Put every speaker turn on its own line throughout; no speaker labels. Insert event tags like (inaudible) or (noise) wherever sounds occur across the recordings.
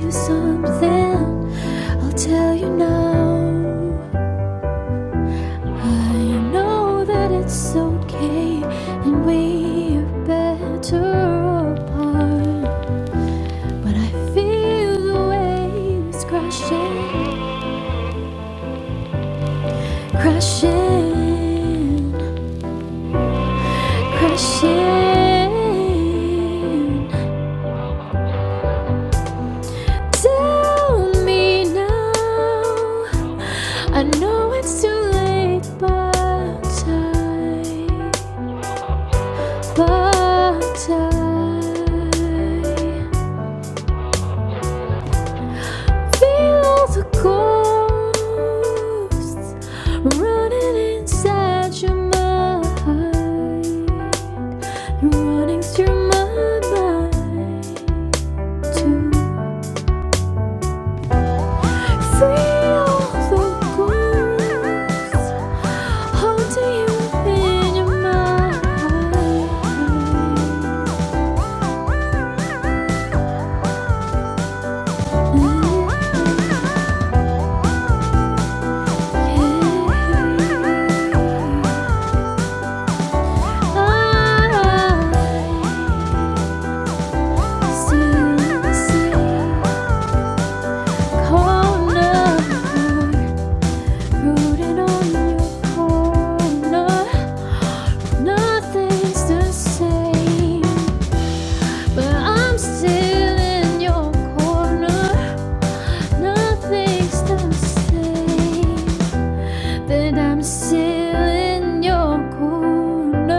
you something, I'll tell you now. I know that it's okay, and we're better apart. But I feel the waves crashing, crashing, crashing. Tell me now. I know it's too late, but I. But I feel all the ghosts running inside your mind, running through my mind too. Feel all the ghosts haunting you in your mind. Mm-hmm. I'm Still in your corner.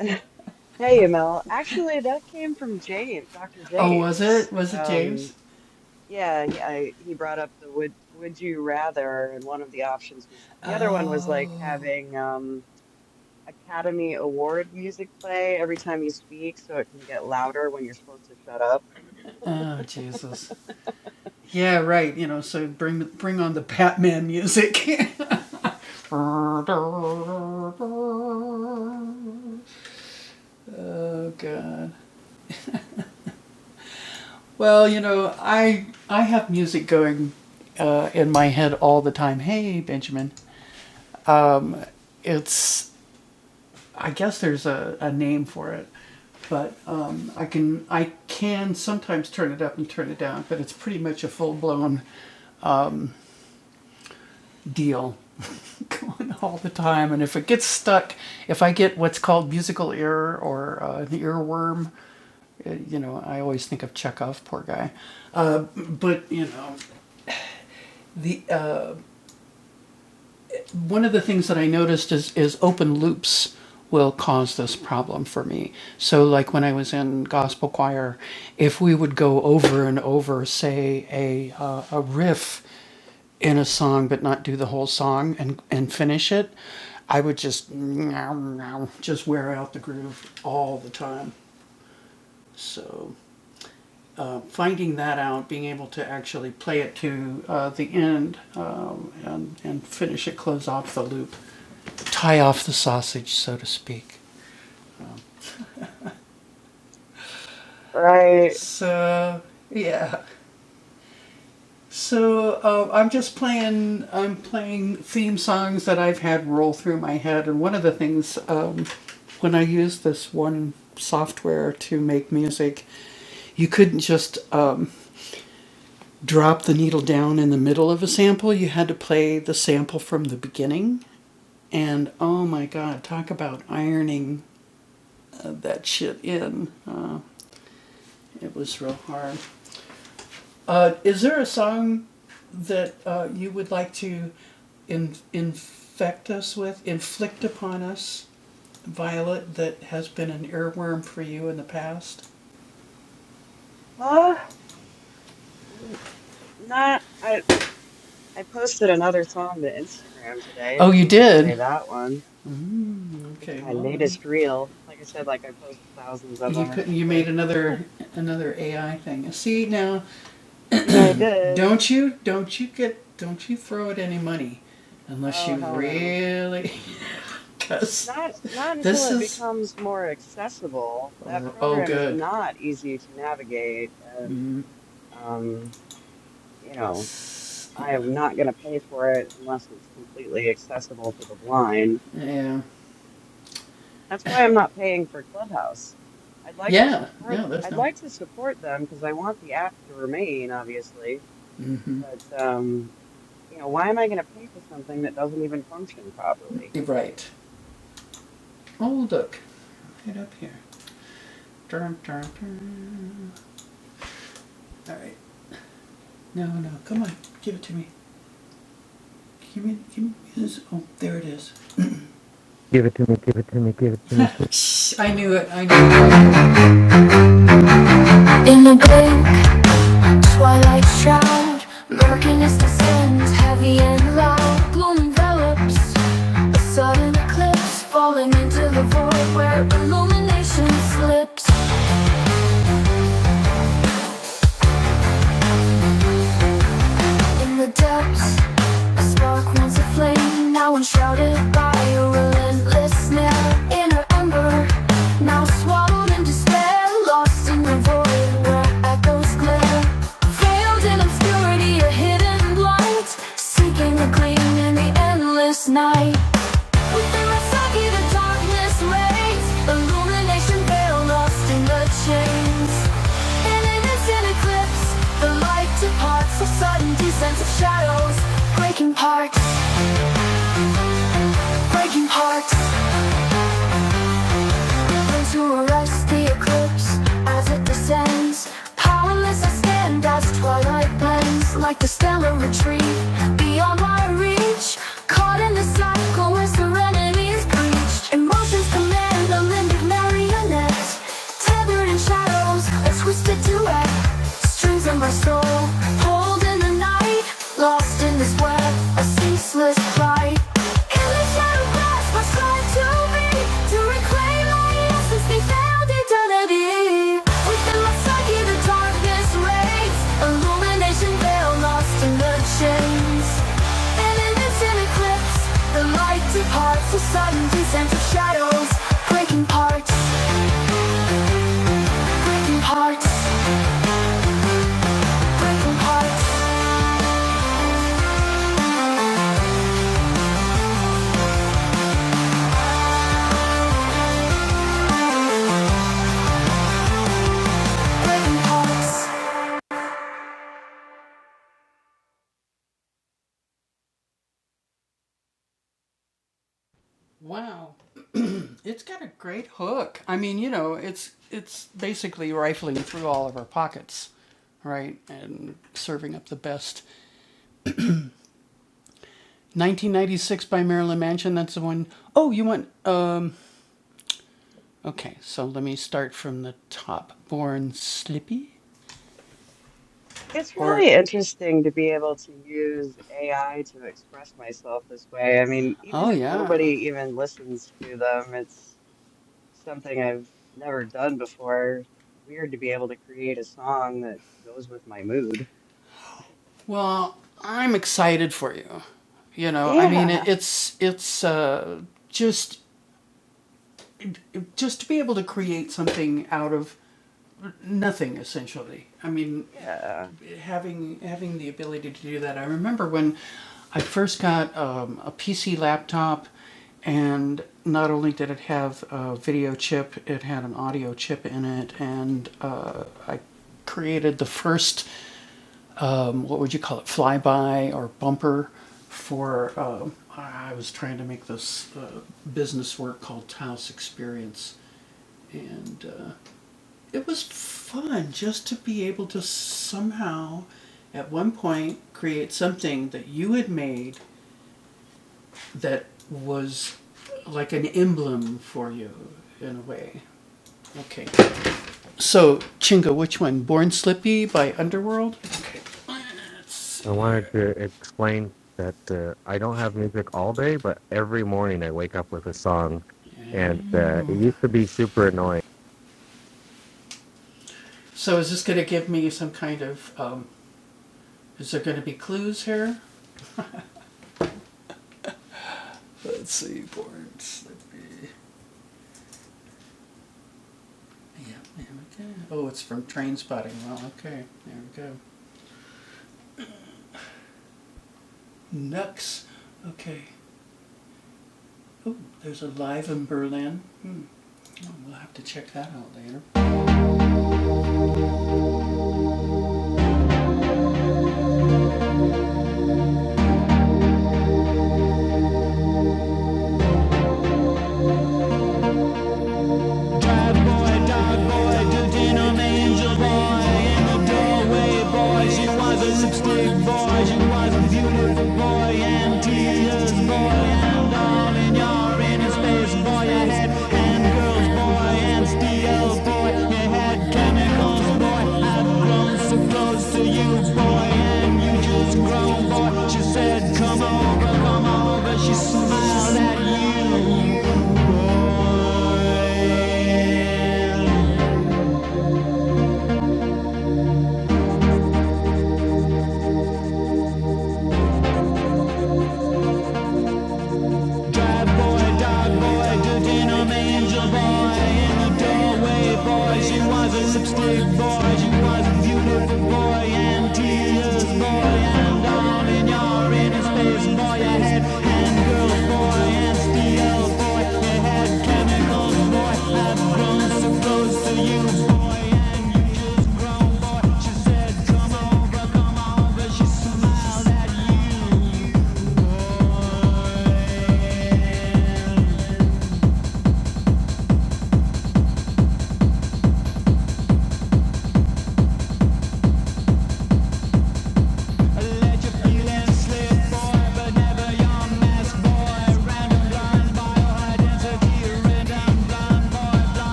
(laughs) Hey, Mel. Actually, that came from James, Dr. James. Um, yeah, he, I, he brought up the would would you rather, and one of the options was the other one was like having um, Academy Award music play every time you speak, so it can get louder when you're supposed to shut up. Right? Uh, n- not. I I posted another song to Instagram today. If you want to play that one, it's my latest reel. Like I said, like I post thousands of them or something. Yeah, I did. Oh, hell no. Not not until it becomes more accessible. That program is not easy to navigate and um, you know, I am not going to pay for it unless it's completely accessible to the blind. That's why I'm not paying for Clubhouse. I'd like to support I'd like to support them because I want the app to remain, obviously, but um, you know, why am I going to pay for something that doesn't even function properly?
Give it to me, give it to me, give it to me. Give it.
In a big twilight shroud, murkiness descends heavy and loud. Gloom envelops a sudden eclipse, falling into the void where illumination slips. In the depths A Spark once a flame, now enshrouded by a relentless snare. Inner ember, now swallowed in despair. Lost in the void where echoes glare. Veiled in obscurity, a hidden light. Seeking a gleam in the endless night. Within my psyche, the darkness reigns. Illumination veil lost in the chains. In an eclipse, the light departs. A sudden descent of shadows, breaking parts, breaking parts. into a rusty eclipse as it descends. Powerless I stand as twilight blends, like the stellar retreat beyond my reach. Caught in the cycle where serenity is breached. Emotions command a limbic marionette, tethered in shadows, a twisted duet. Strings of my soul, pulled in the night. Lost in this web of ceaseless pride. In the shadow grasp, I strive to be, to reclaim my essence, be found eternity. Within my psyche, the darkness reigns. Illumination veil lost in the chains. In an instant eclipse, the light departs. A sudden descent of shadows, breaking parts, breaking parts, breaking parts, breaking parts.
It's really interesting to be able to use AI to express myself this way. I mean, even if nobody even listens to them, it's something I've never done before. Weird to be able to create a song that goes with my mood. Yeah. Mhm. Yeah.
I wanted to explain that uh, I don't have music all day, but every morning I wake up with a song, and uh, it used to be super annoying.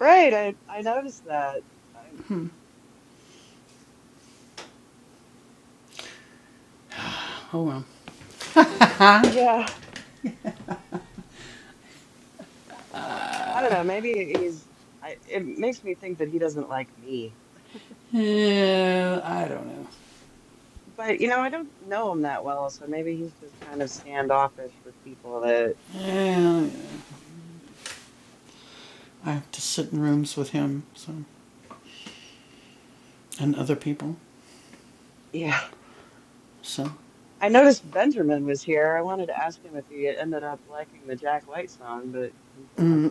Right. I I noticed that. I, yeah. I don't know. Maybe he's I it makes me think that he doesn't like me. But you know, I don't know him that well, so maybe he's just kind of standoffish with people that Yeah. I noticed Benjamin was here. I wanted to ask him if he ended up liking the Jack White song, but he's gone.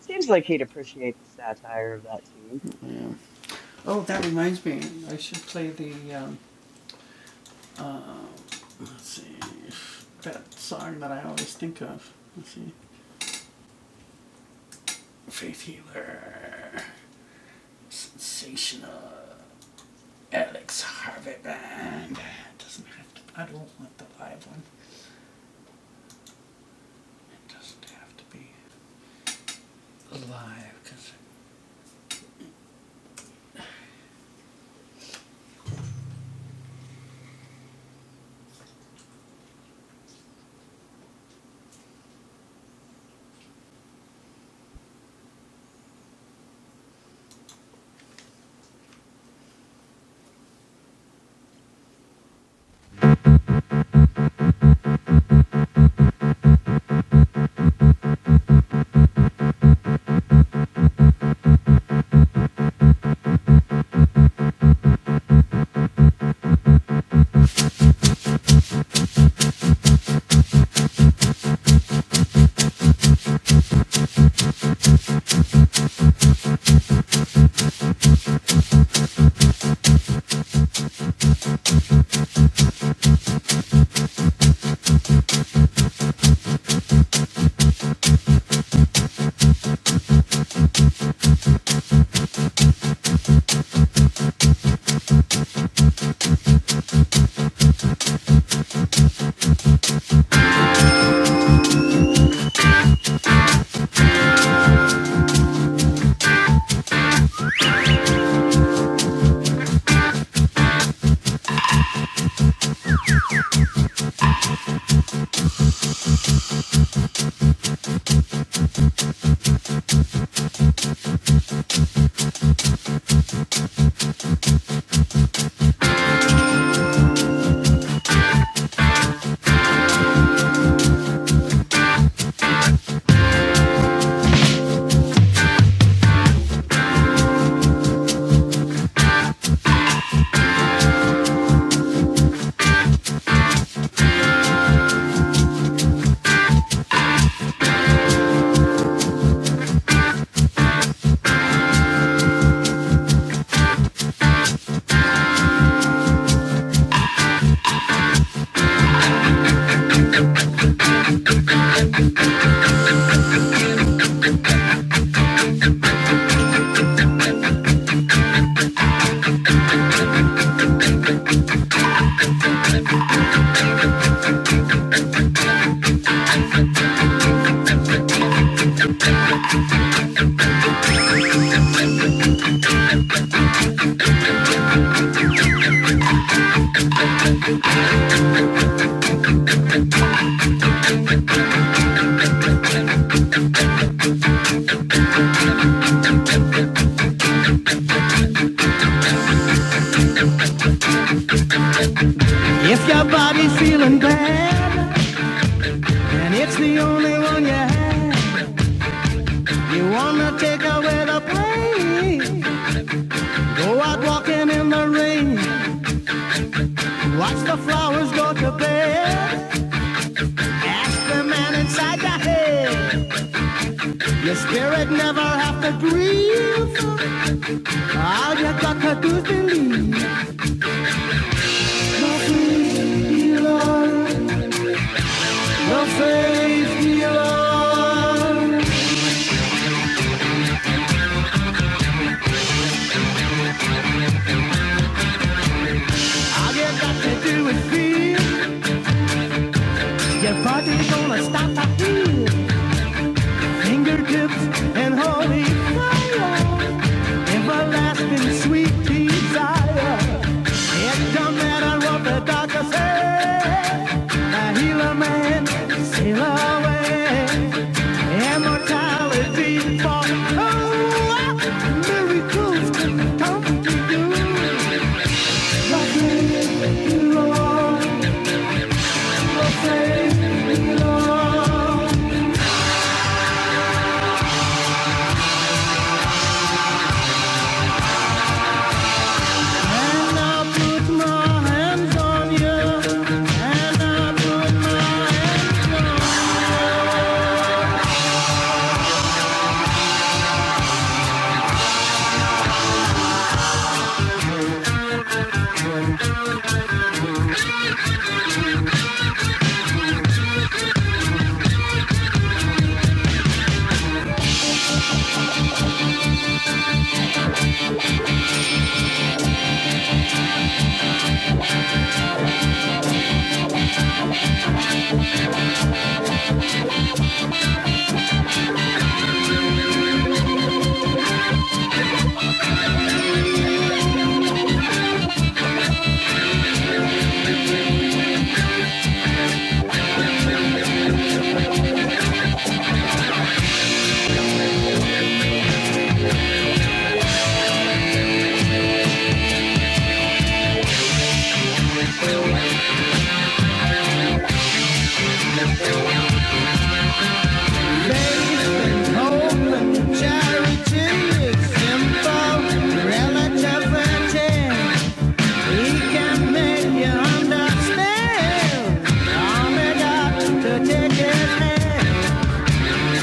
Seems like he'd appreciate the satire of that tune.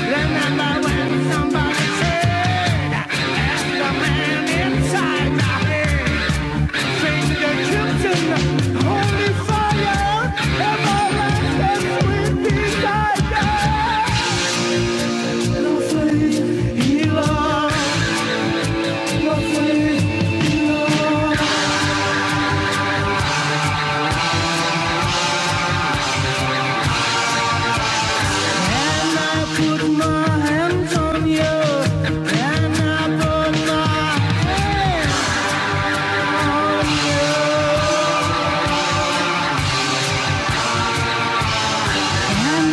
Remember when somebody said Hands on you, and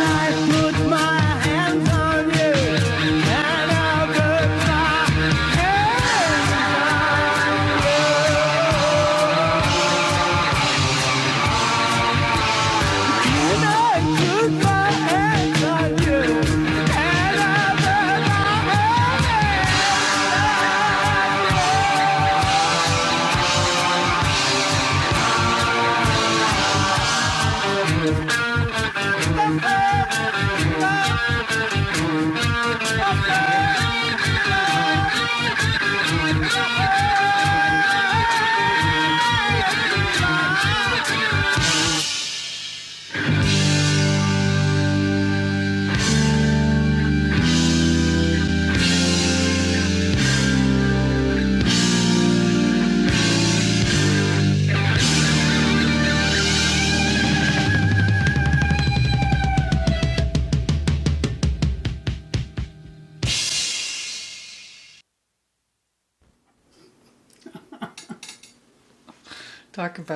I put my hands on.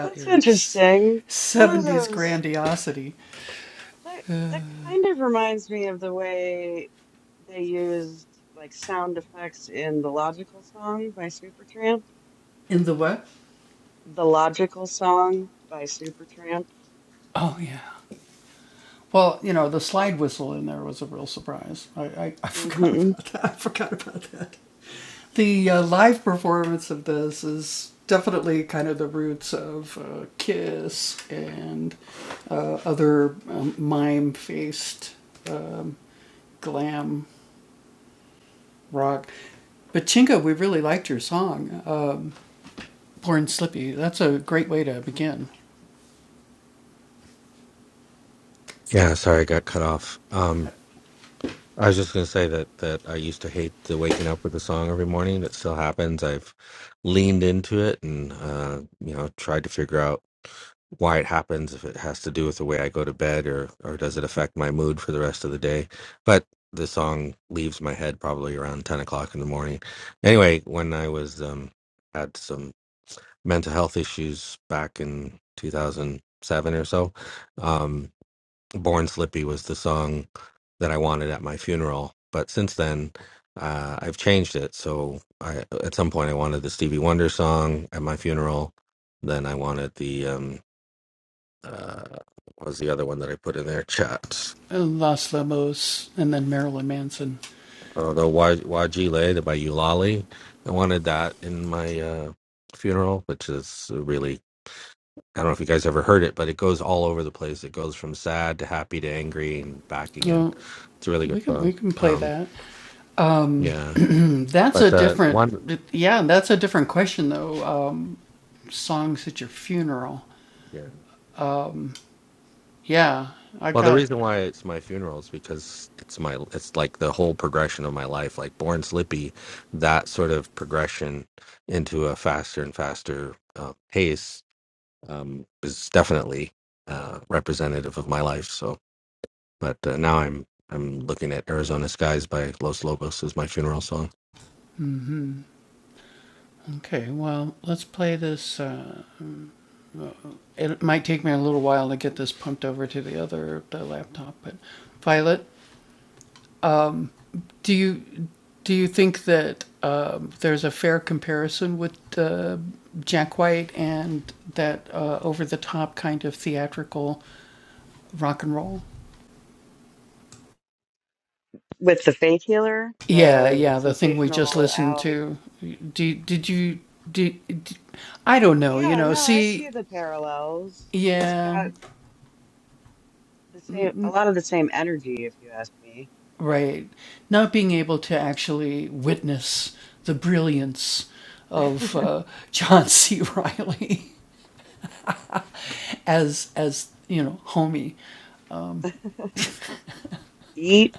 That's interesting. Some of those that that kind of reminds me of the way they used like sound effects in The Logical Song by Supertramp. The Logical Song by Supertramp. Um, hmm
Yeah, sorry, I got cut off. Um, I was just gonna say that that I used to hate the waking up with a song every morning. It still happens. I've leaned into it and uh, you know tried to figure out why it happens. If it has to do with the way I go to bed, or or does it affect my mood for the rest of the day? But the song leaves my head probably around ten o'clock in the morning. Anyway, when I was um, had some mental health issues back in two thousand seven or so, um, Born Slippy was the song that I wanted at my funeral. But since then, uh, I've changed it. So I, at some point, I wanted the Stevie Wonder song at my funeral. Then I wanted the um, uh, what was the other one that I put in there? Chat. Oh, the Wa Wajile the by Eulali. I wanted that in my uh, funeral, which is really. I don't know if you guys ever heard it, but it goes all over the place. It goes from sad to happy to angry and back again. It's a really good song. Um, yeah. But uh, one, yeah. Well, the reason why it's my funeral is because it's my it's like the whole progression of my life, like born slippy, that sort of progression into a faster and faster uh, pace um, is definitely uh, representative of my life. So, but uh, now I'm I'm looking at Arizona Skies by Los Lobos as my funeral song.
With the Faith Healer, the sensational Alex. Yeah, no, I see the parallels. It's got the same, a lot of the same energy, if you ask me. (laughs) Eat.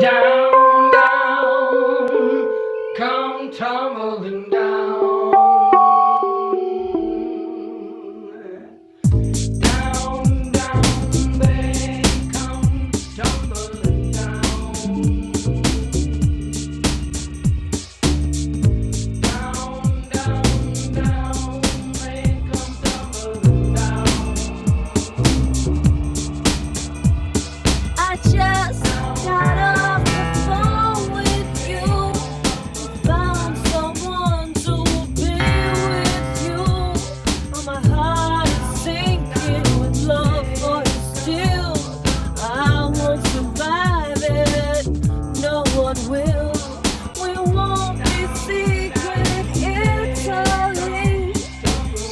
Down, down, come tumbling down. Down, down, they come tumbling down. Down, down, down, they come tumbling down. I just got off the phone with you. Found someone to be with you. Oh, my heart is sinking with love for you still. I won't survive it. No one will. We won't be secret eternally.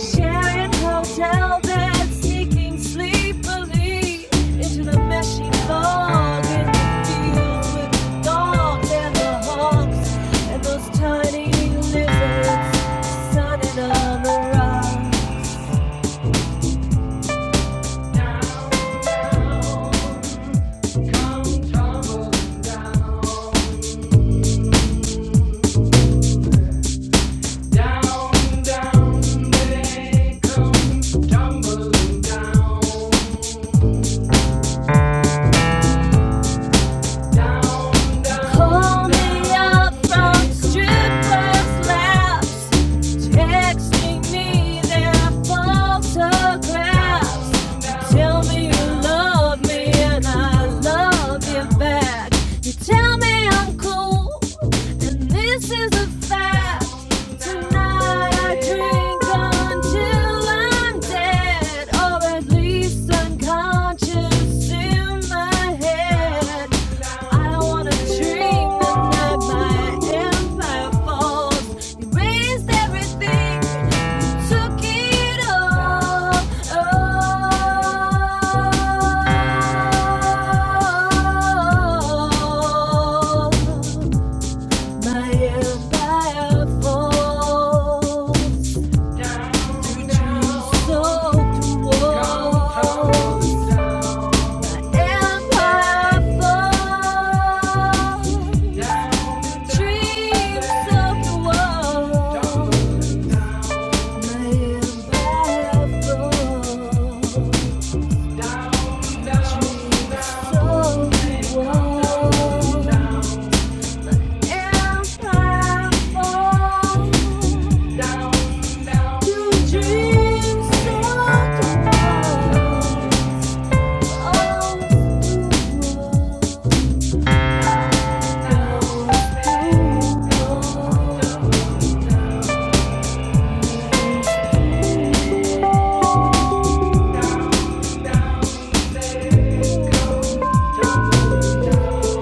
Sharing hotel beds, sneaking sleepily into the meshy fog in the fields with the dogs and the hogs and those tiny lizards sunning on the rocks. Down, down, come tumbling down. Call me up from strippers' laps, texting me their photographs. Tell me you love me and I love you back. You tell me I'm cool, and this is a fact. Tonight I drink until I'm dead, or at least unconscious in my head. I don't wanna dream the night my empire falls. You raised everything, you took it all. Oh. My empire falls. now, So close. Empire falls. down, Dreams of the world. My empire falls. down, Dreams of the world. we Down, down, down.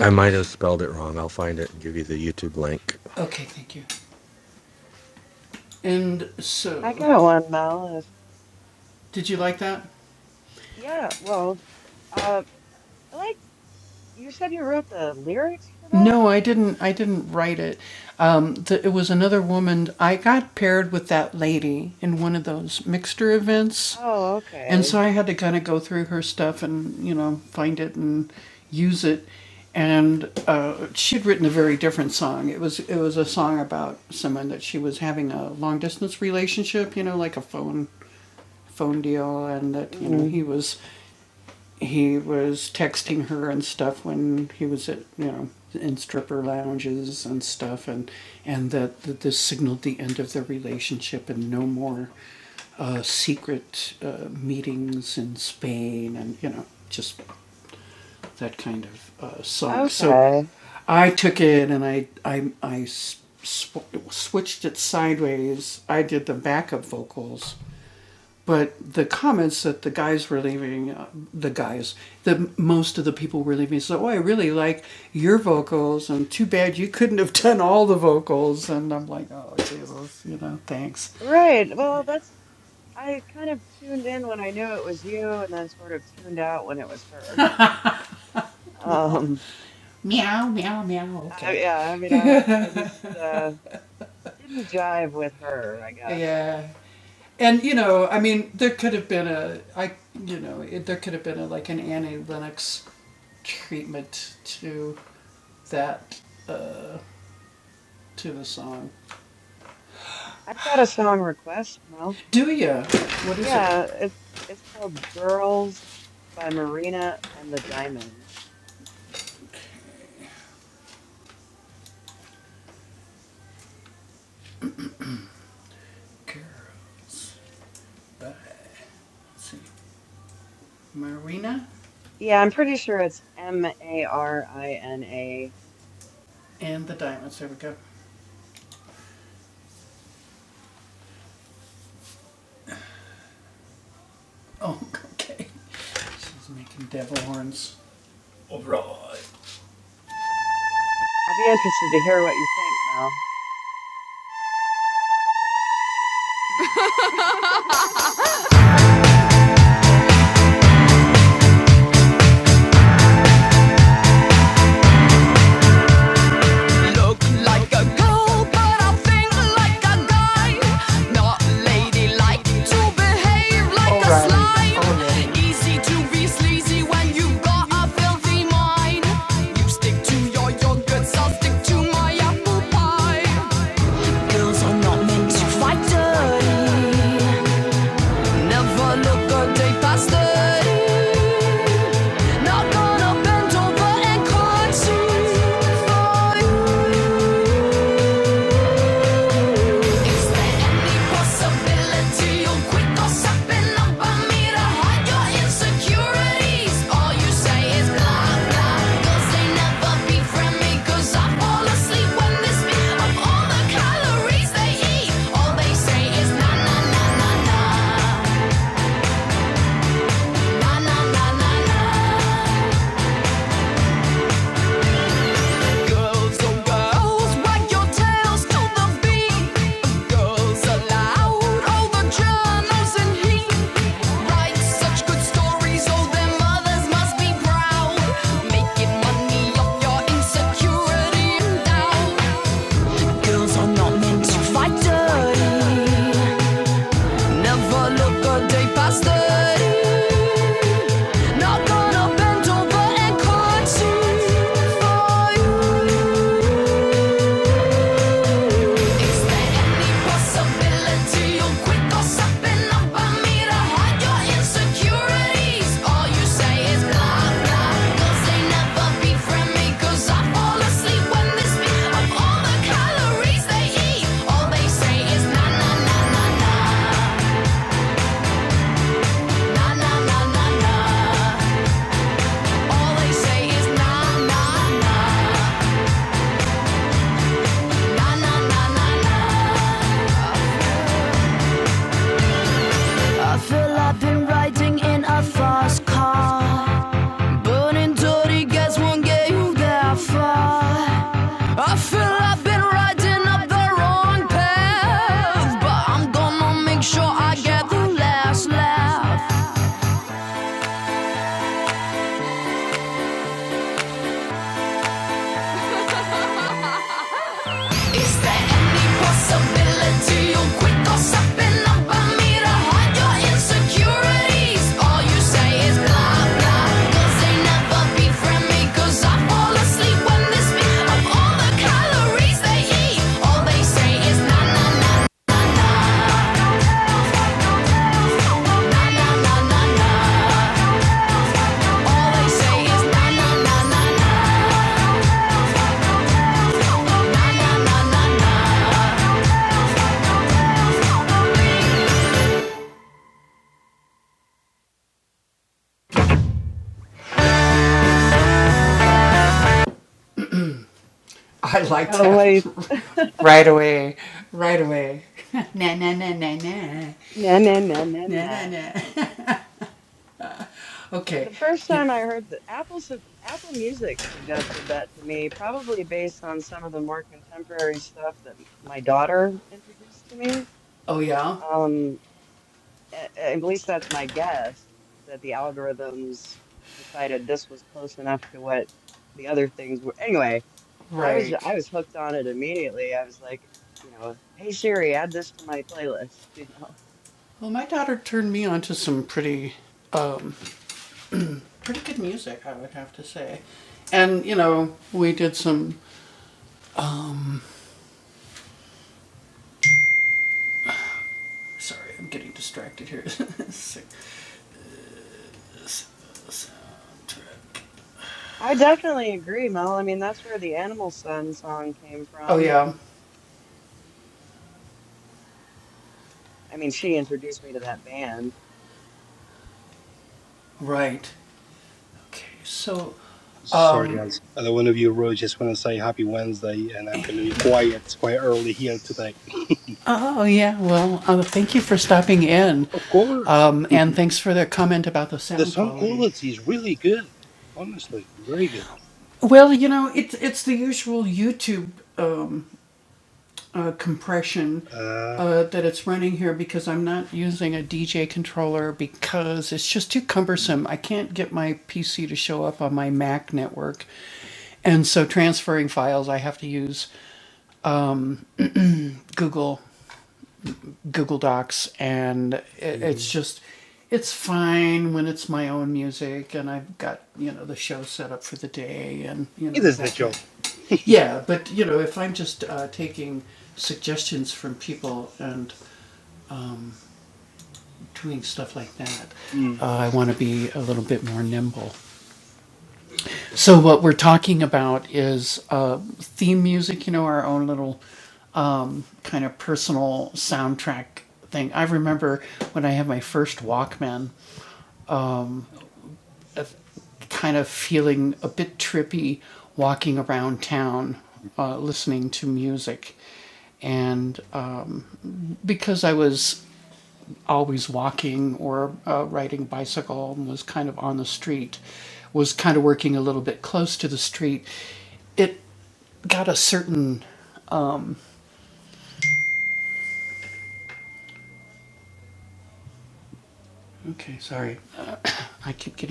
I might have spelled it wrong. I'll find it and give you the YouTube link.
I got one, Mel, if that's, yeah, well, uh, I liked, you said you wrote the lyrics for that? Oh, okay. Mm, okay. Right. Well, that's, I kind of tuned in when I knew it was you and then sort of tuned out when it was her. (laughs) Um, I, yeah, I mean, I, I just, uh, Didn't jive with her, I guess. I've got a song request, Mo. Yeah, it, it's called Girls by Marina and the Diamonds. Yeah, I'm pretty sure it's M A R I N A. I'll be interested to hear what you think, Mel.
look like a girl, but I think like a guy. Not ladylike to behave like a slime. Easy to be sleazy when you've got a filthy mind. You stick to your yogurt, I'll stick to my apple pie. Girls are not meant to fight dirty. Never look a day past thirty. Not gonna bend over and concede for you. Na na na na na Girls, oh girls, wag your tails to the beat. Girls aloud, all the journals in heat. Write such good stories, oh their mothers must be proud. Making money off your insecurity and doubt. Girls are not meant to fight dirty. Never look a day past thirty. Not gonna bend over and concede for you. I feel I've been riding in a fast car. Burning dirty gas won't get you that far. I feel I've been riding up the wrong path, but I'm gonna make sure I get the last laugh. Is there any possibility you'll quit or something me to hide your insecurities? All you say is blah blah. they never befriend me. I fall asleep when they speak of all the calories they eat. All they say is na na na na na na na na All they say is na na na na na na na na
(laughs) So what do you na na. nah, nah, nah. The first time I heard that Apple su- Apple Music suggested that to me, probably based on some of the more contemporary stuff that my daughter introduced to me. Um, a- at least that's my guess that the algorithms decided this was close enough to what the other things were. Anyway, I was I was hooked on it immediately. I was like, you know, hey Siri, add this to my playlist, (laughs) you know. I definitely agree, Mel. I mean, that's where the Animal Sun song came from. I mean, she introduced me to that band.
Sorry, guys. Other one of you really just want to say happy Wednesday, and I'm going to be quiet. It's quite early here today. (laughs) Of course, the sound quality is really good. Honestly, very good. Uh, mhm. It is the job. (laughs) Mm.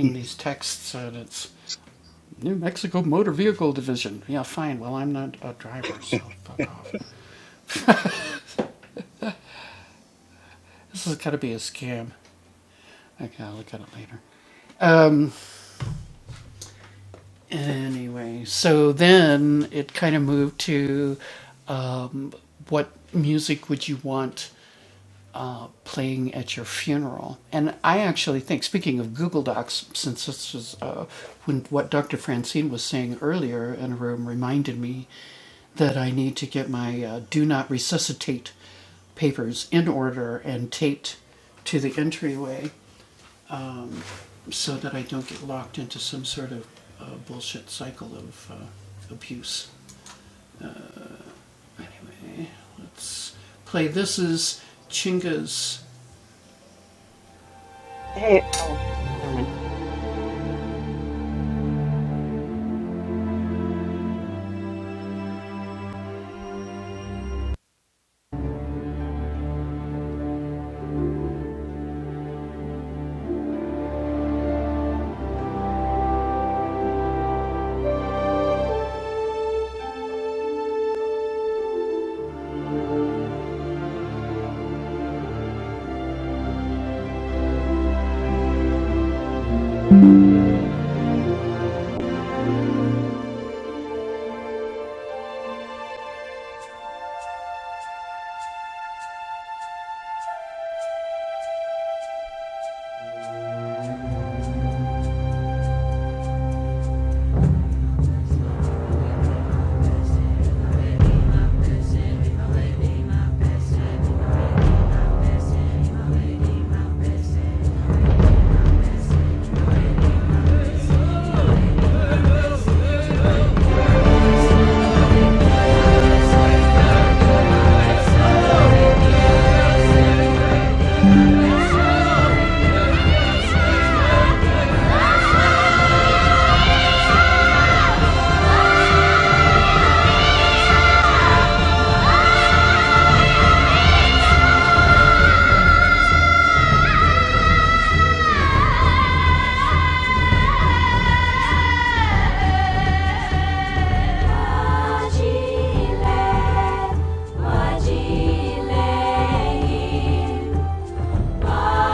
I
Hey, oh, never mind.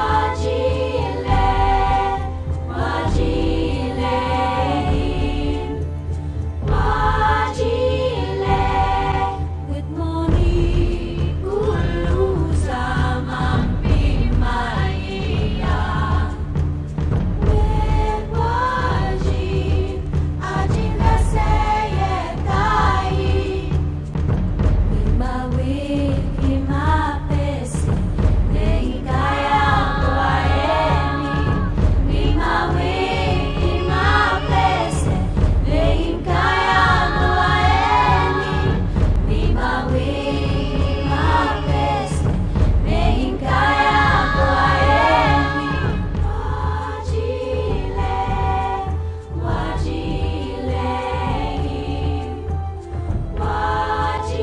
na Agile, good morning, Ulu sama Bimaya. Wewaji, Agile seye tai. Wajile, wajile, Mingawe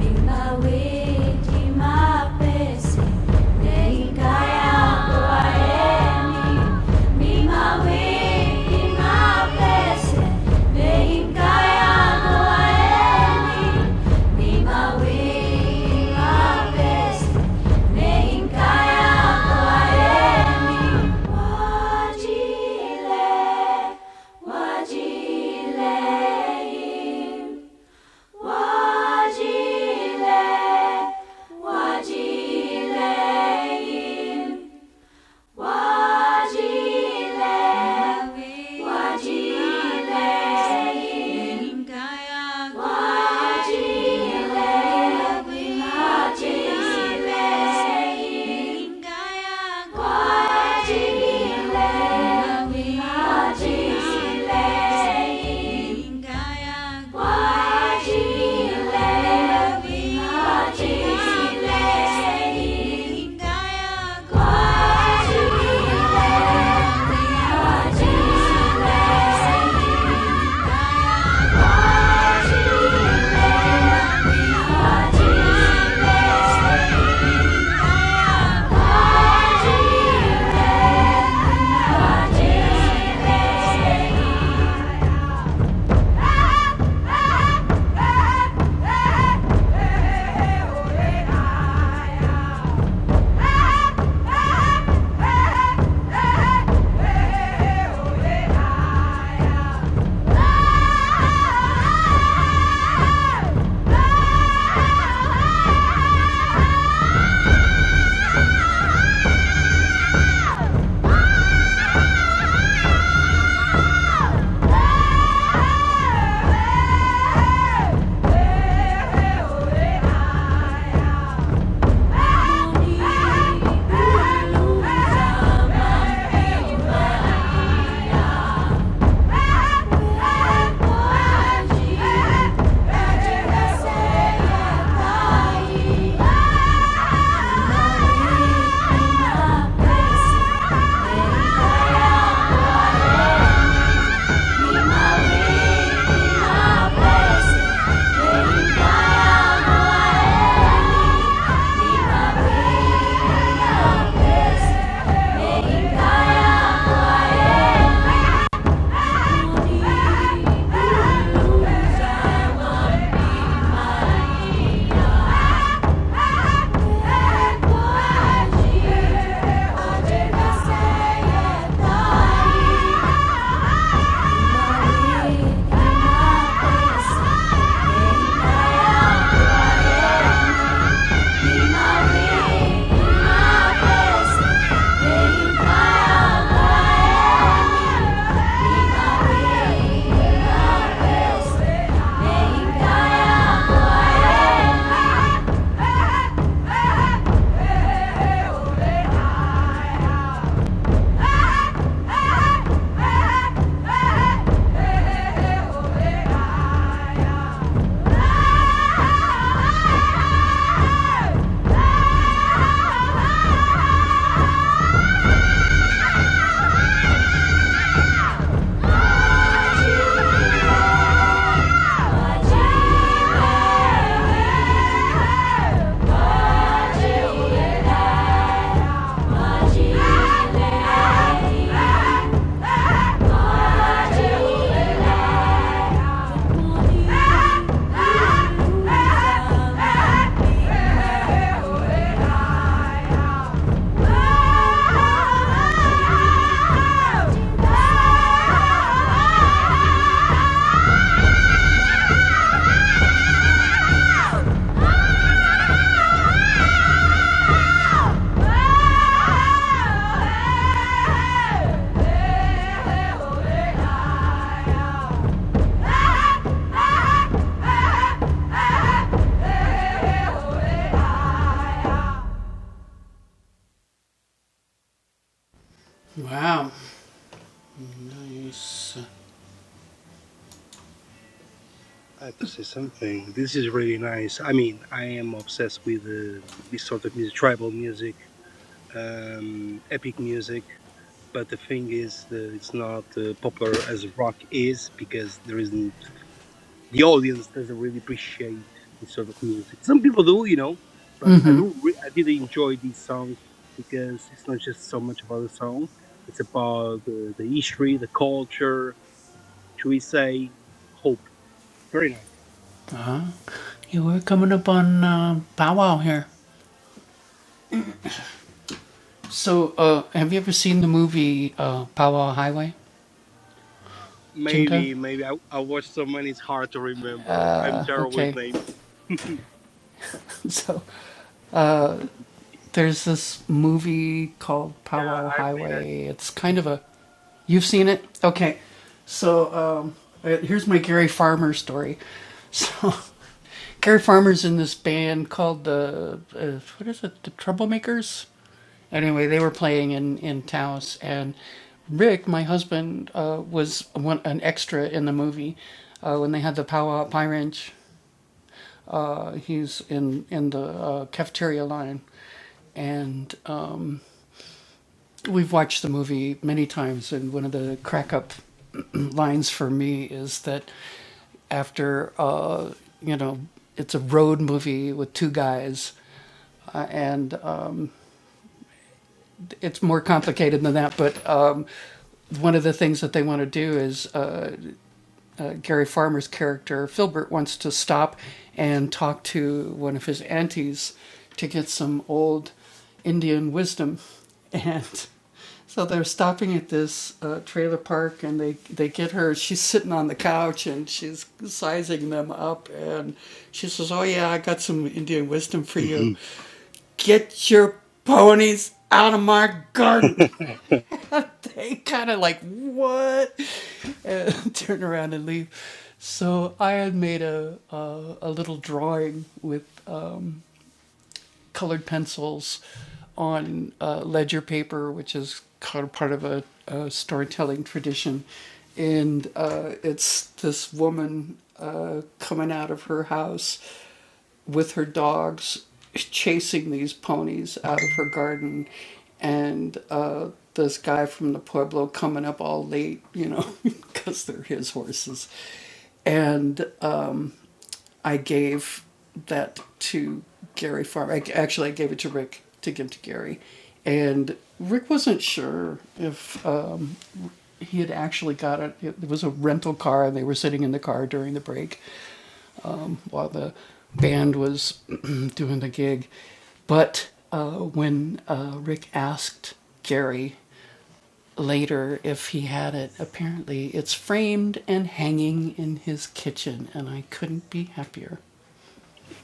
di mapesi Wajile, wajile, wajile, wajile, Kwa yeah. Hey! Yeah. Yeah. Ah! Thank you. Ah! Ah!
have to say something. This is really nice. I mean, I am obsessed with uh, this sort of music, tribal music, um, epic music. But the thing is, that it's not uh, popular as rock is because there isn't. the audience doesn't really appreciate this sort of music. Some people do, you know, but I do. Re- I did enjoy this song because it's not just so much about the song; it's about the, the history, the culture. Should we say hope? Very nice. Maybe, maybe I, I watched so many; it's hard to remember. I'm terrible with names.
Yeah, I've seen it.
hmm (laughs)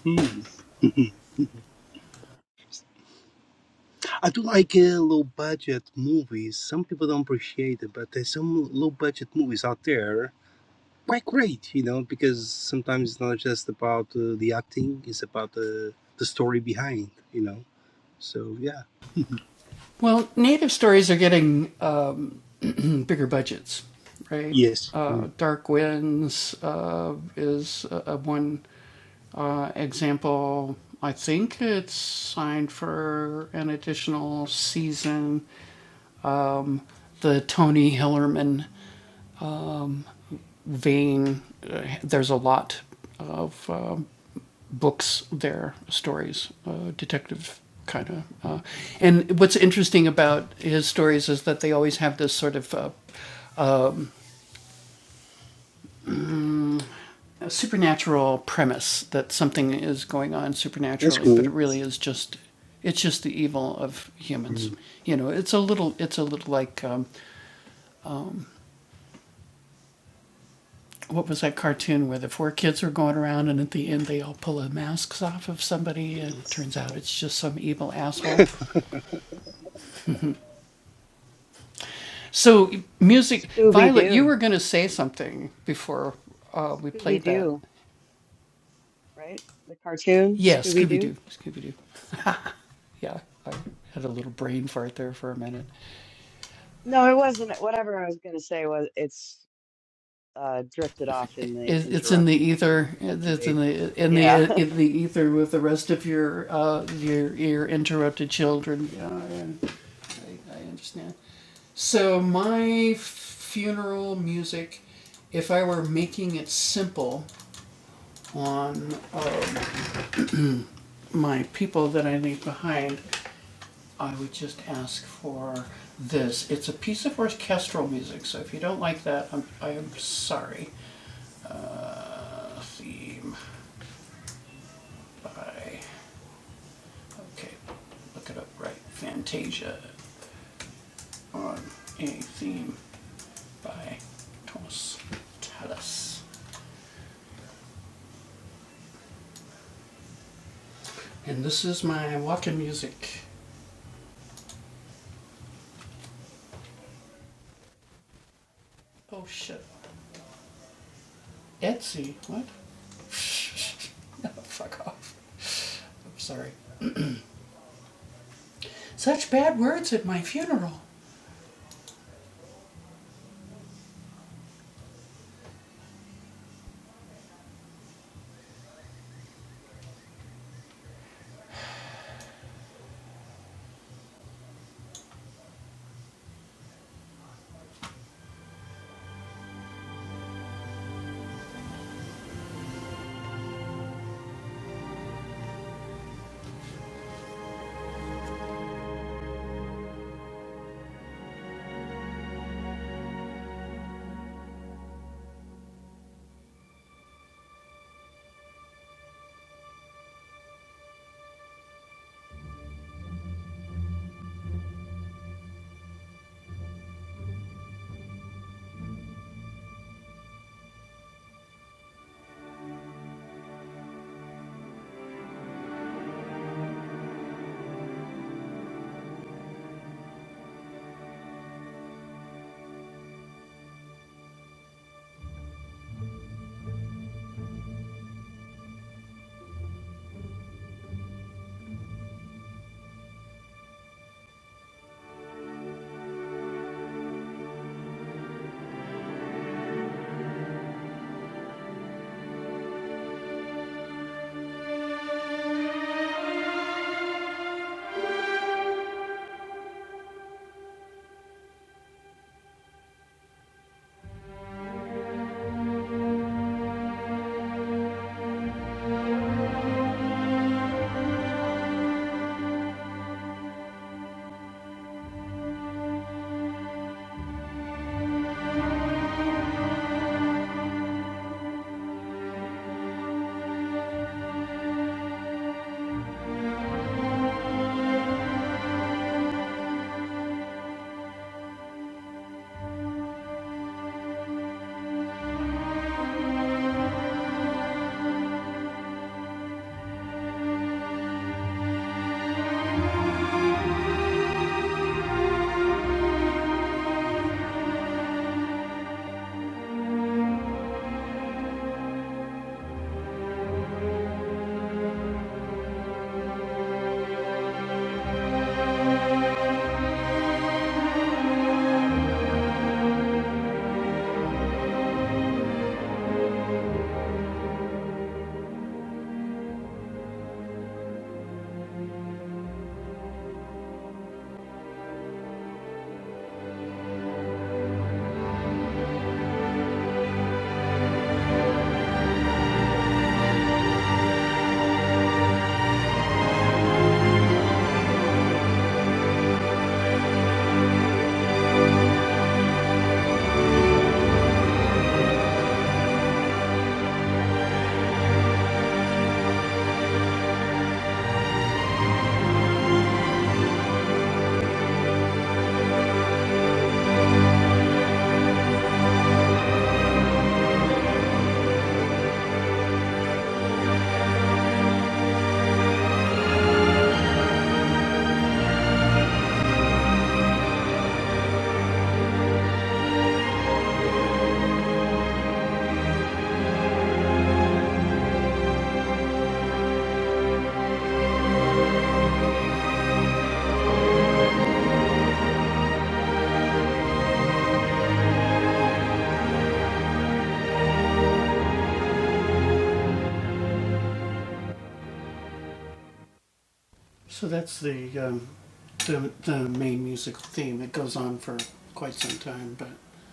Hmm. I do like uh, low budget movies. Some people don't appreciate it, but there's some low budget movies out there quite great, you know, because sometimes it's not just about uh, the acting; it's about the the story behind, you know. So yeah. Yes, Mm. that's cool. Mm. (laughs)
Scooby Doo. Scooby Doo, right? The cartoon Scooby Doo. No, it wasn't. Whatever I was going to say was it's uh drifted off in the interim, so no, nothing big. Yeah. (laughs)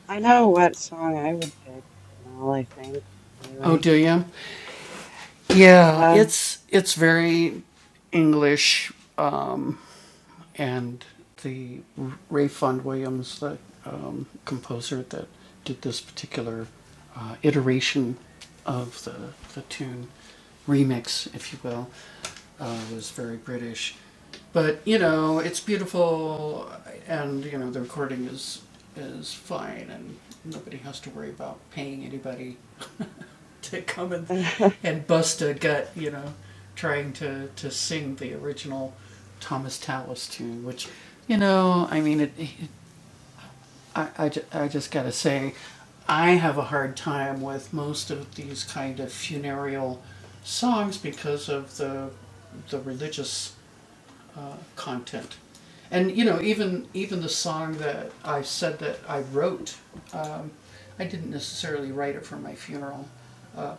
I know what song I would pick, Well, I think. Anyway. Yeah. (laughs)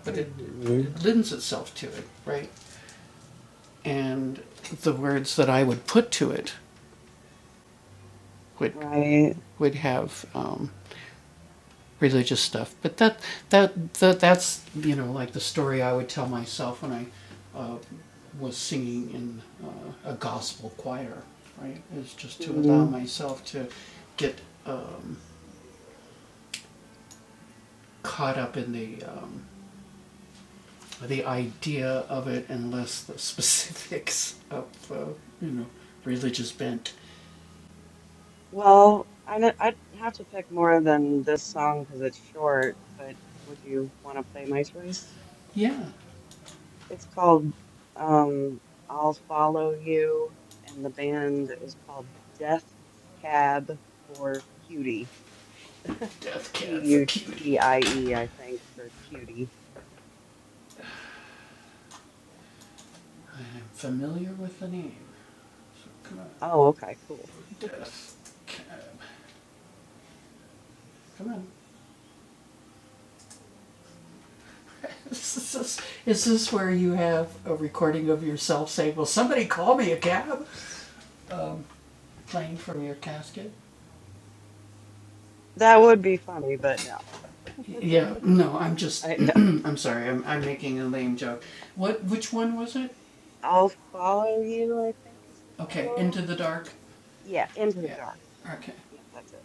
Hmm, Right. Hmm. Well, I know I'd have to pick more than this song because it's short, but would you want to play my choice? It's called um I'll Follow You, and the band is called Death Cab for Cutie. C U T I E, I think, for cutie. Oh, okay, cool. That would be funny, but no. I know. I'll follow you, I think is the title. Yeah, Into the Dark. Yep, that's it.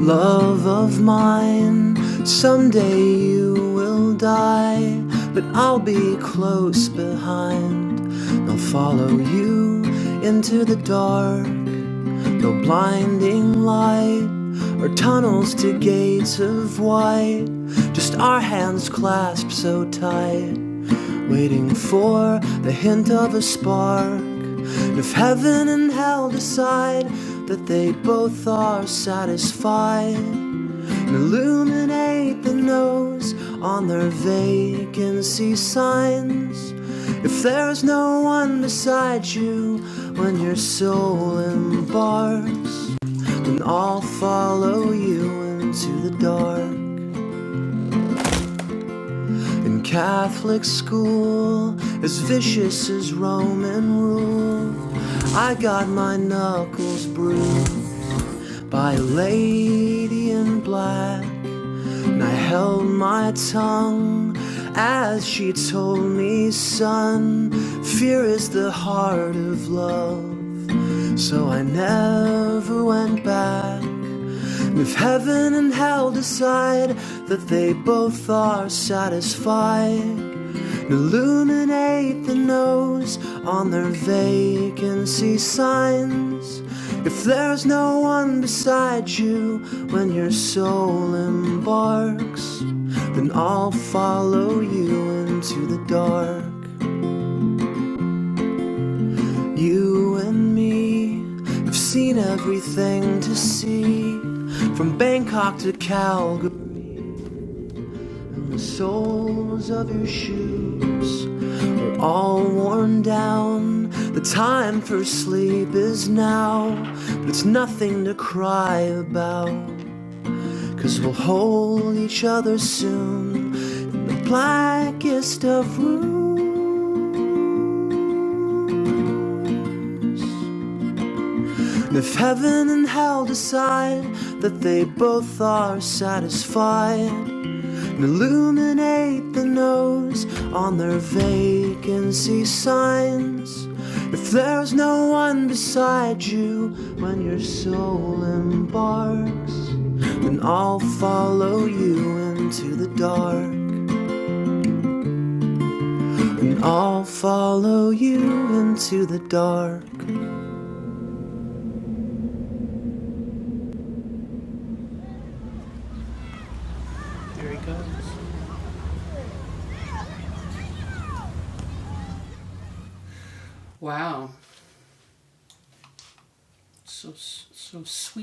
Love of mine, someday you will die, but I'll be close behind. I'll follow you into the dark, no blinding light, or tunnels to gates of white. Just our hands clasped so tight, waiting for the hint of a spark. And if heaven and hell decide that they both are satisfied, Illuminate the nose on their vacancy signs. If there's no one beside you when your soul embarks, then I'll follow you into the dark. And Catholic school, as vicious as Roman rule, I got my knuckles bruised by a lady in black. I held my tongue as she told me, son, fear is the heart of love. So I never went back. If heaven and hell decide that they both are satisfied, Illuminate the nose on their vacancy signs. If there's no one beside you when your soul embarks, then I'll follow you into the dark. You and me have seen everything to see from Bangkok to Calgary. Soles of your shoes are all worn down. The time for sleep is now, but it's nothing to cry about. we we'll hold each other soon, the blackest of rooms. And if heaven and hell decide that they both are satisfied, and illuminate the nose on their vacancy signs. If there's no one beside you when your soul embarked, then I'll follow you into the dark and I'll all far.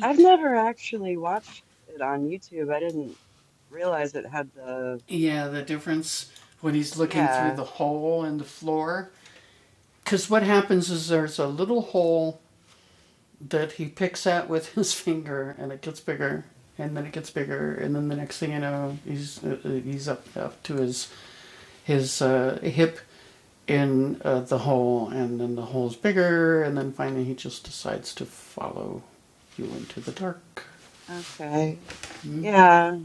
I've never actually watched it on YouTube. I didn't realize it had the. Yeah, okay. Yeah.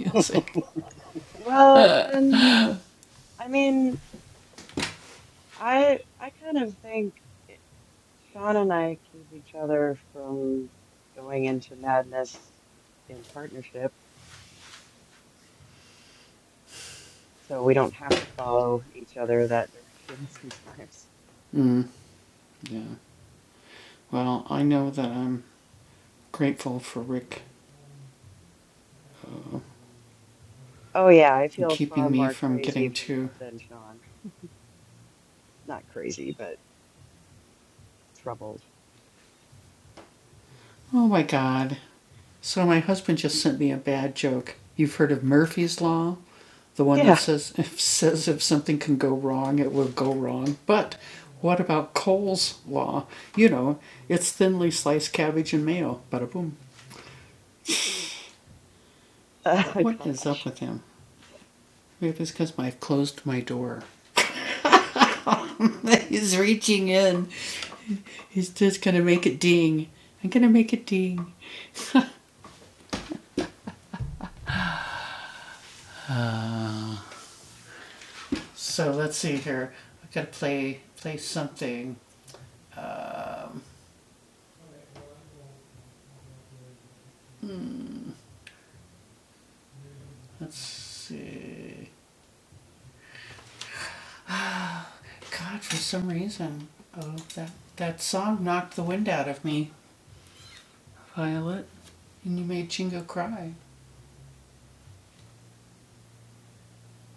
it's
Well, and I mean, I I kind of think. Sean and I keep each other from going into madness in partnership, so we don't have to follow each other that direction (laughs) sometimes. Oh yeah, I feel far more crazy from than Sean. Not crazy, but troubled. Yeah. (laughs) Uh, gosh.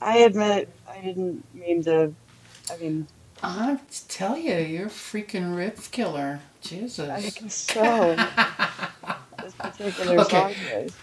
I admit I didn't mean to. I mean, I guess so. This particular song choice.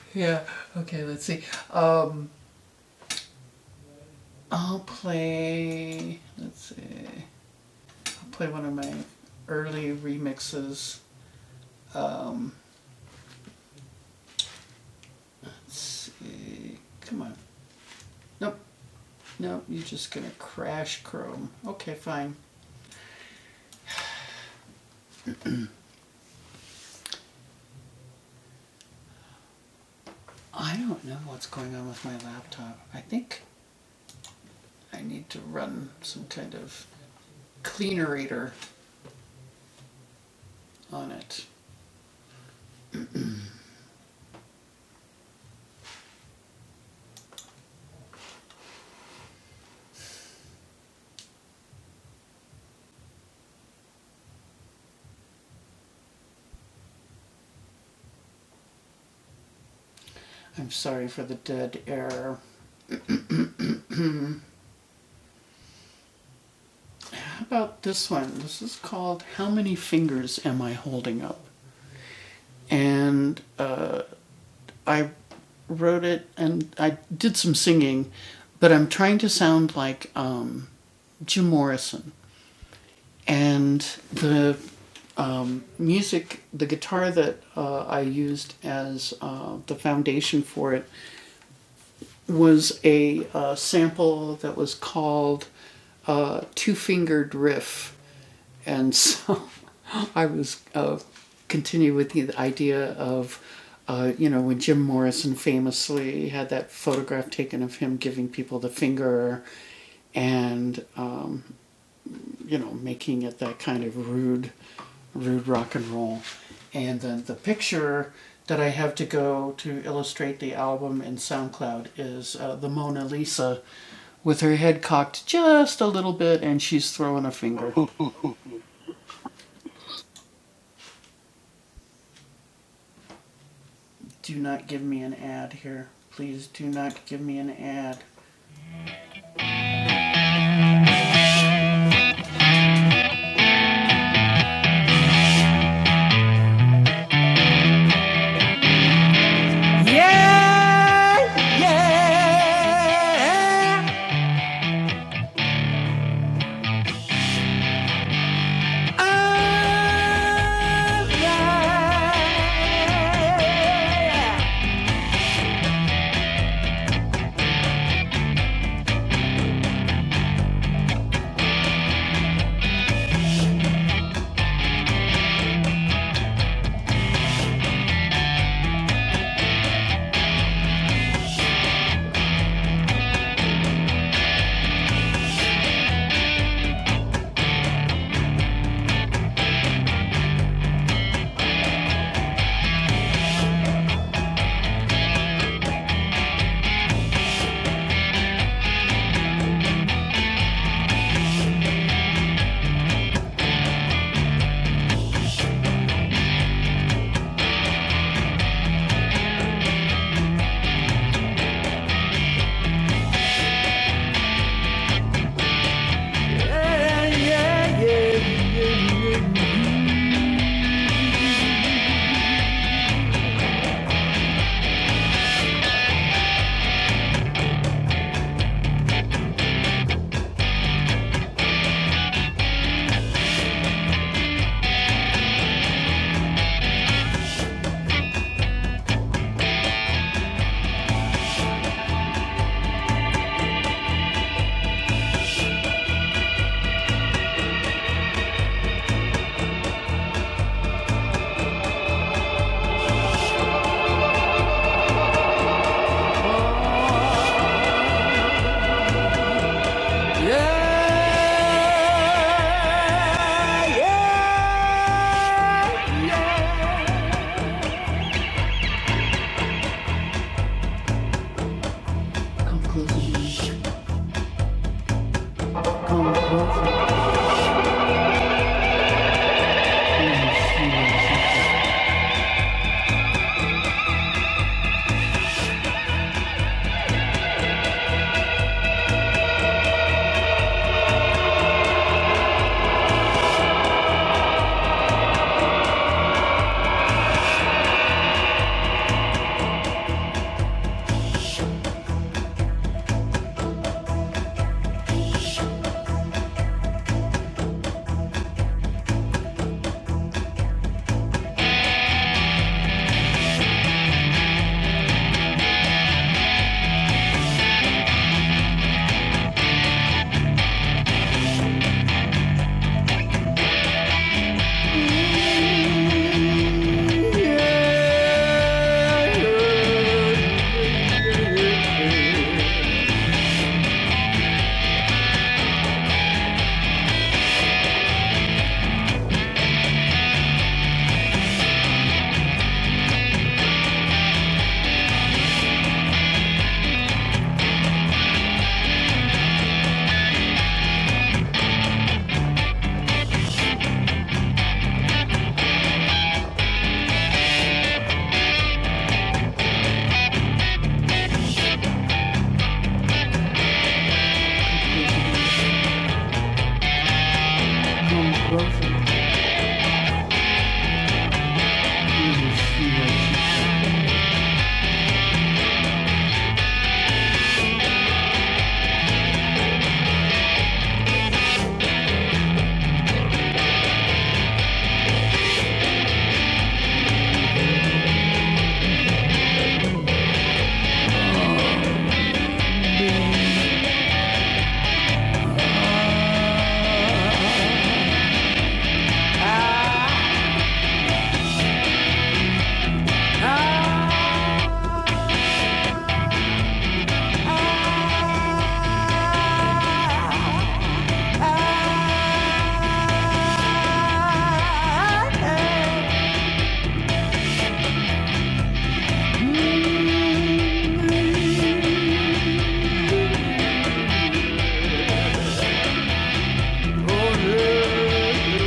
Oh yeah,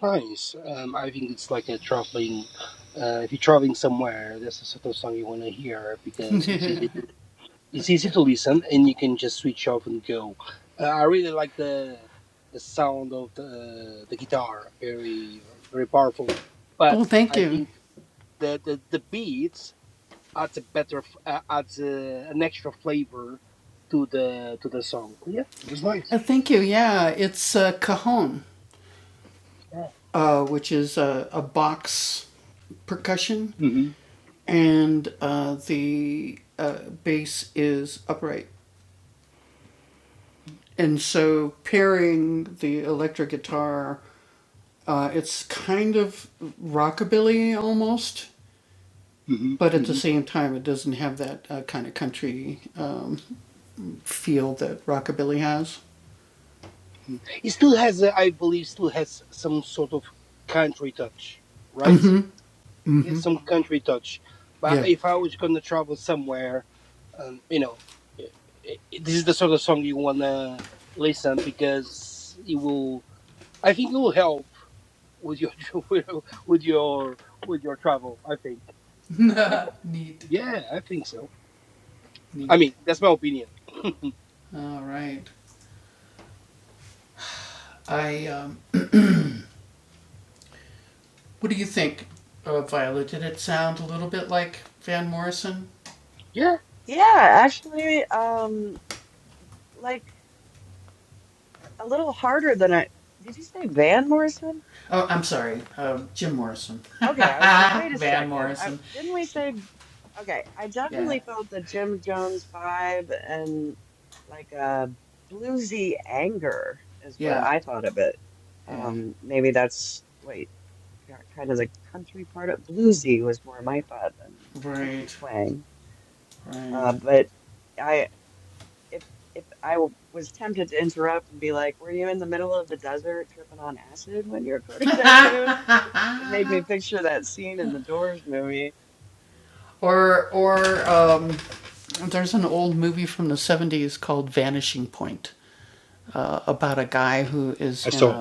nice. Um, I think it's like a traveling. Uh, if you're traveling somewhere, that's the sort of song you want to hear because it's easy. to it's easy to listen and you can just switch off and go uh, i really like the the sound of the the guitar very very powerful but i think the the, the beats adds a better f- uh, adds a, an extra flavor to the to the song yeah it was nice yeah hmm hmm hmm it still has a, i believe still has some sort of country touch right get some country touch. But if I was gonna travel somewhere, um, you know, i i this is the sort of song you wanna listen because it will. I think it will help with your (laughs) with your with your with your travel. I think I like it. Yeah, I think so. I mean, that's my opinion. (laughs) yeah.
Yeah, actually, um, like. a little harder than I did you say Van Morrison? Okay, I was like, wait a second. I, didn't we say okay, I definitely felt the Jim Jones vibe and like a bluesy anger is what I thought of it. Um maybe that's wait, ki- kind of the country part of bluesy was more my thought than country twang. Uh but I if if I w- was tempted to interrupt and be like, "Were you in the middle of the desert tripping on acid when you recorded (laughs) that tune?" It made me picture that scene in the Doors movie.
I saw.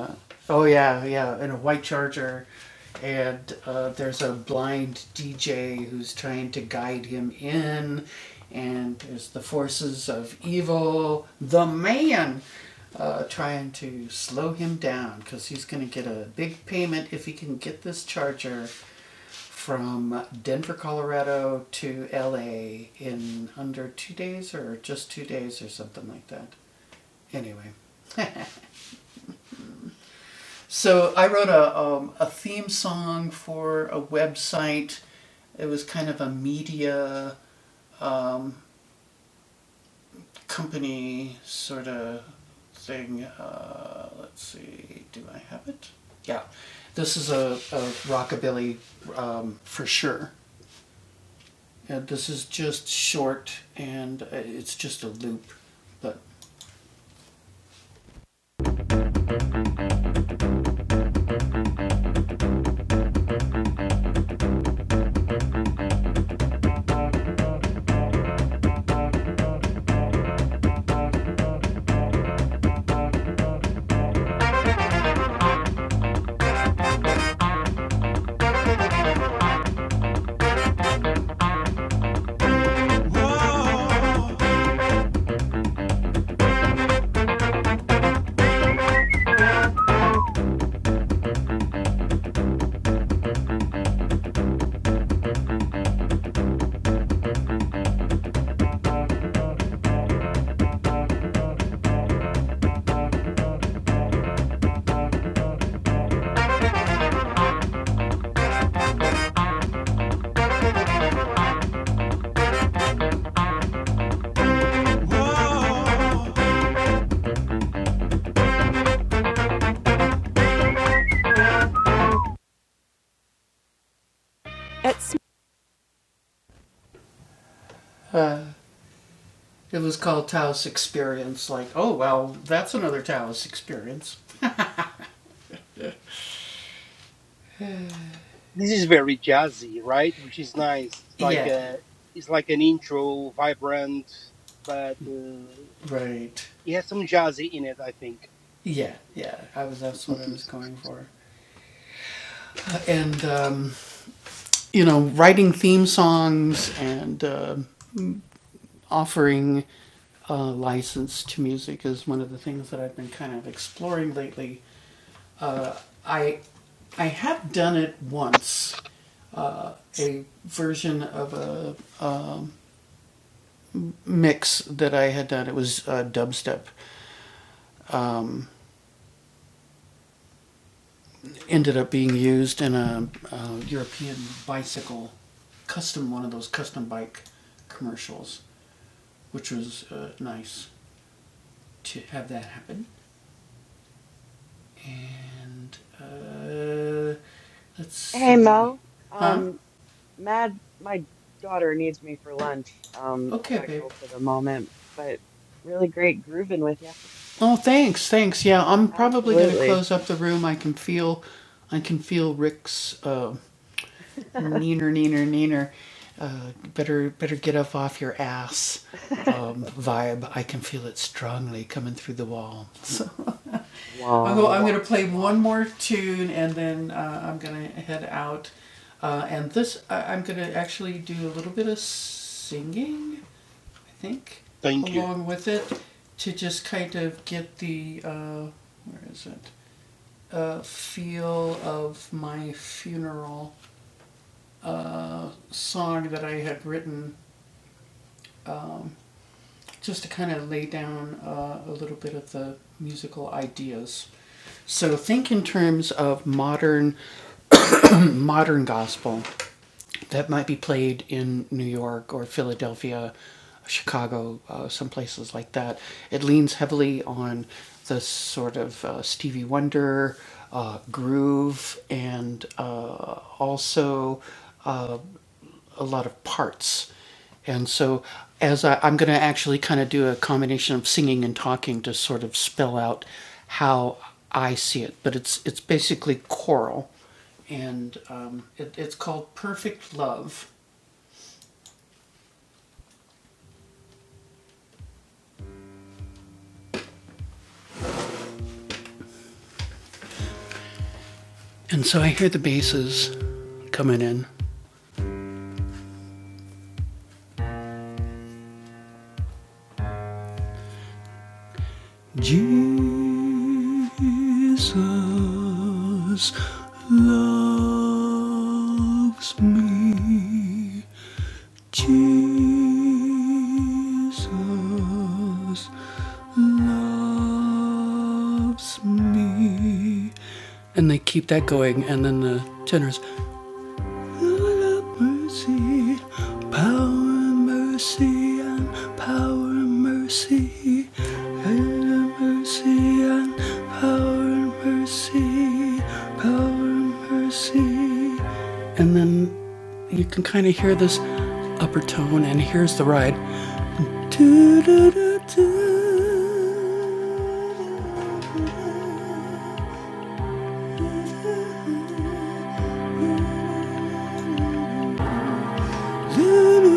This is very jazzy, right? Which is nice. It's like a, it's like an intro, vibrant, but uh, it has some jazzy in it. I think. (laughs)
Hey Mel, um, Mad, my daughter needs me for lunch. Um, I gotta go for the moment, but really great grooving with you. Absolutely. (laughs) Wah wah wah wah.
Thank you.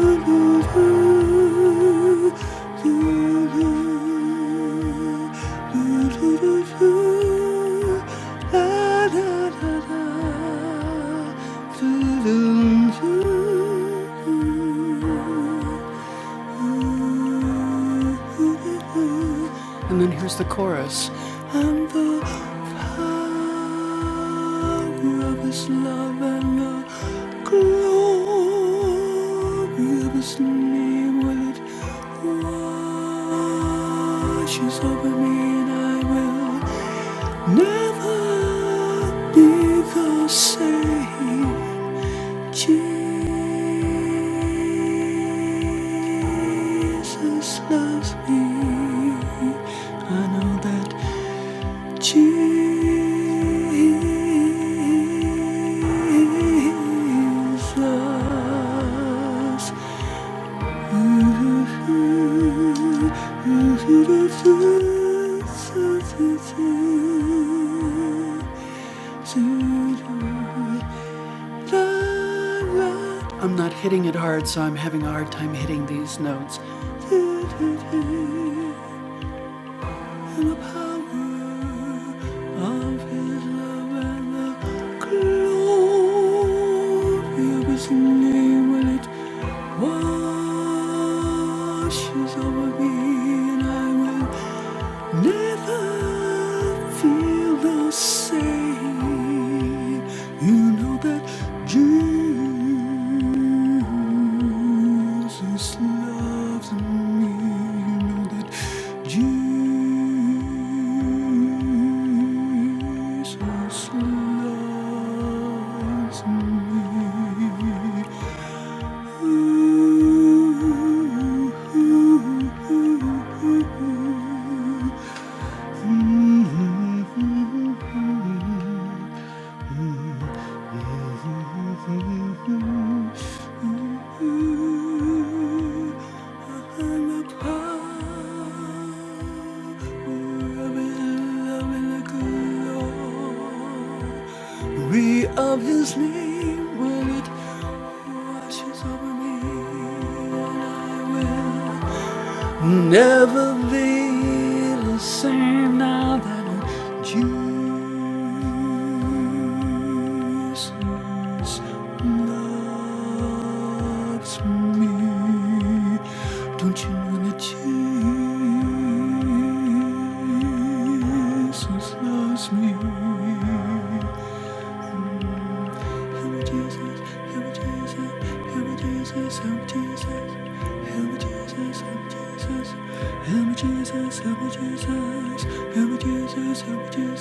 oh yeah. I know that you I'm not hitting it hard, so I'm having a hard time. Jesus loves me. You know that Jesus loves me. Ooh, am a power of His love and the glory of His name will it Washes over me, and I will never be the same now that Jesus loves me. Don't you know that Jesus loves me? Help me, Jesus. Help me, Jesus. Help me, Jesus. Help me, Jesus. Help me, Jesus. Help me, Jesus. Help me, Jesus. Help me, Jesus. Help me, Jesus. Help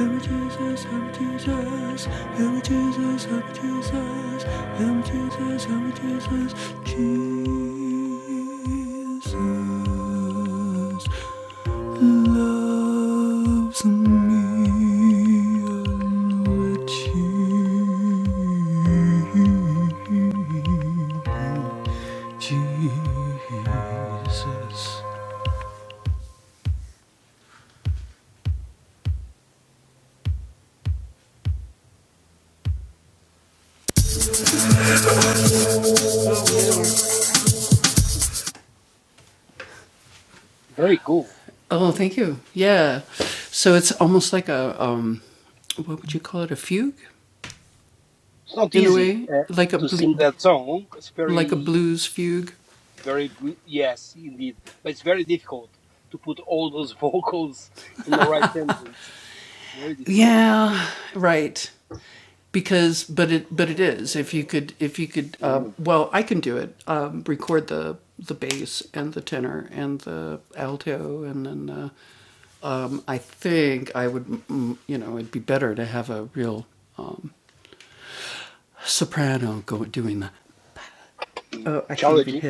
me, Jesus. Help me, Jesus. Jesus loves me.
Very cool. It's not easy uh, to sing that song. It's very, very, br- yes, indeed. But it's very difficult to put all those (laughs) vocals in the right sentence. Very difficult. Mm. Challenging.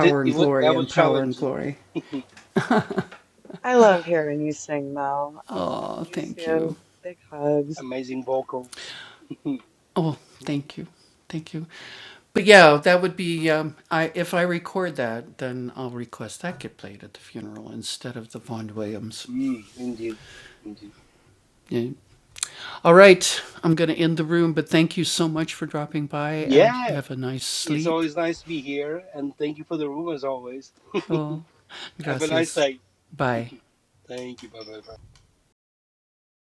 It, it wa- that was challenging. (laughs)
I love hearing you sing, Mel. I'll talk to you soon. Big hugs.
Amazing vocals. (laughs) mm, indeed. Indeed. Yeah. It's always nice to be here. And thank you for the room as always. (laughs) Have a nice day. Thank you. Bye bye.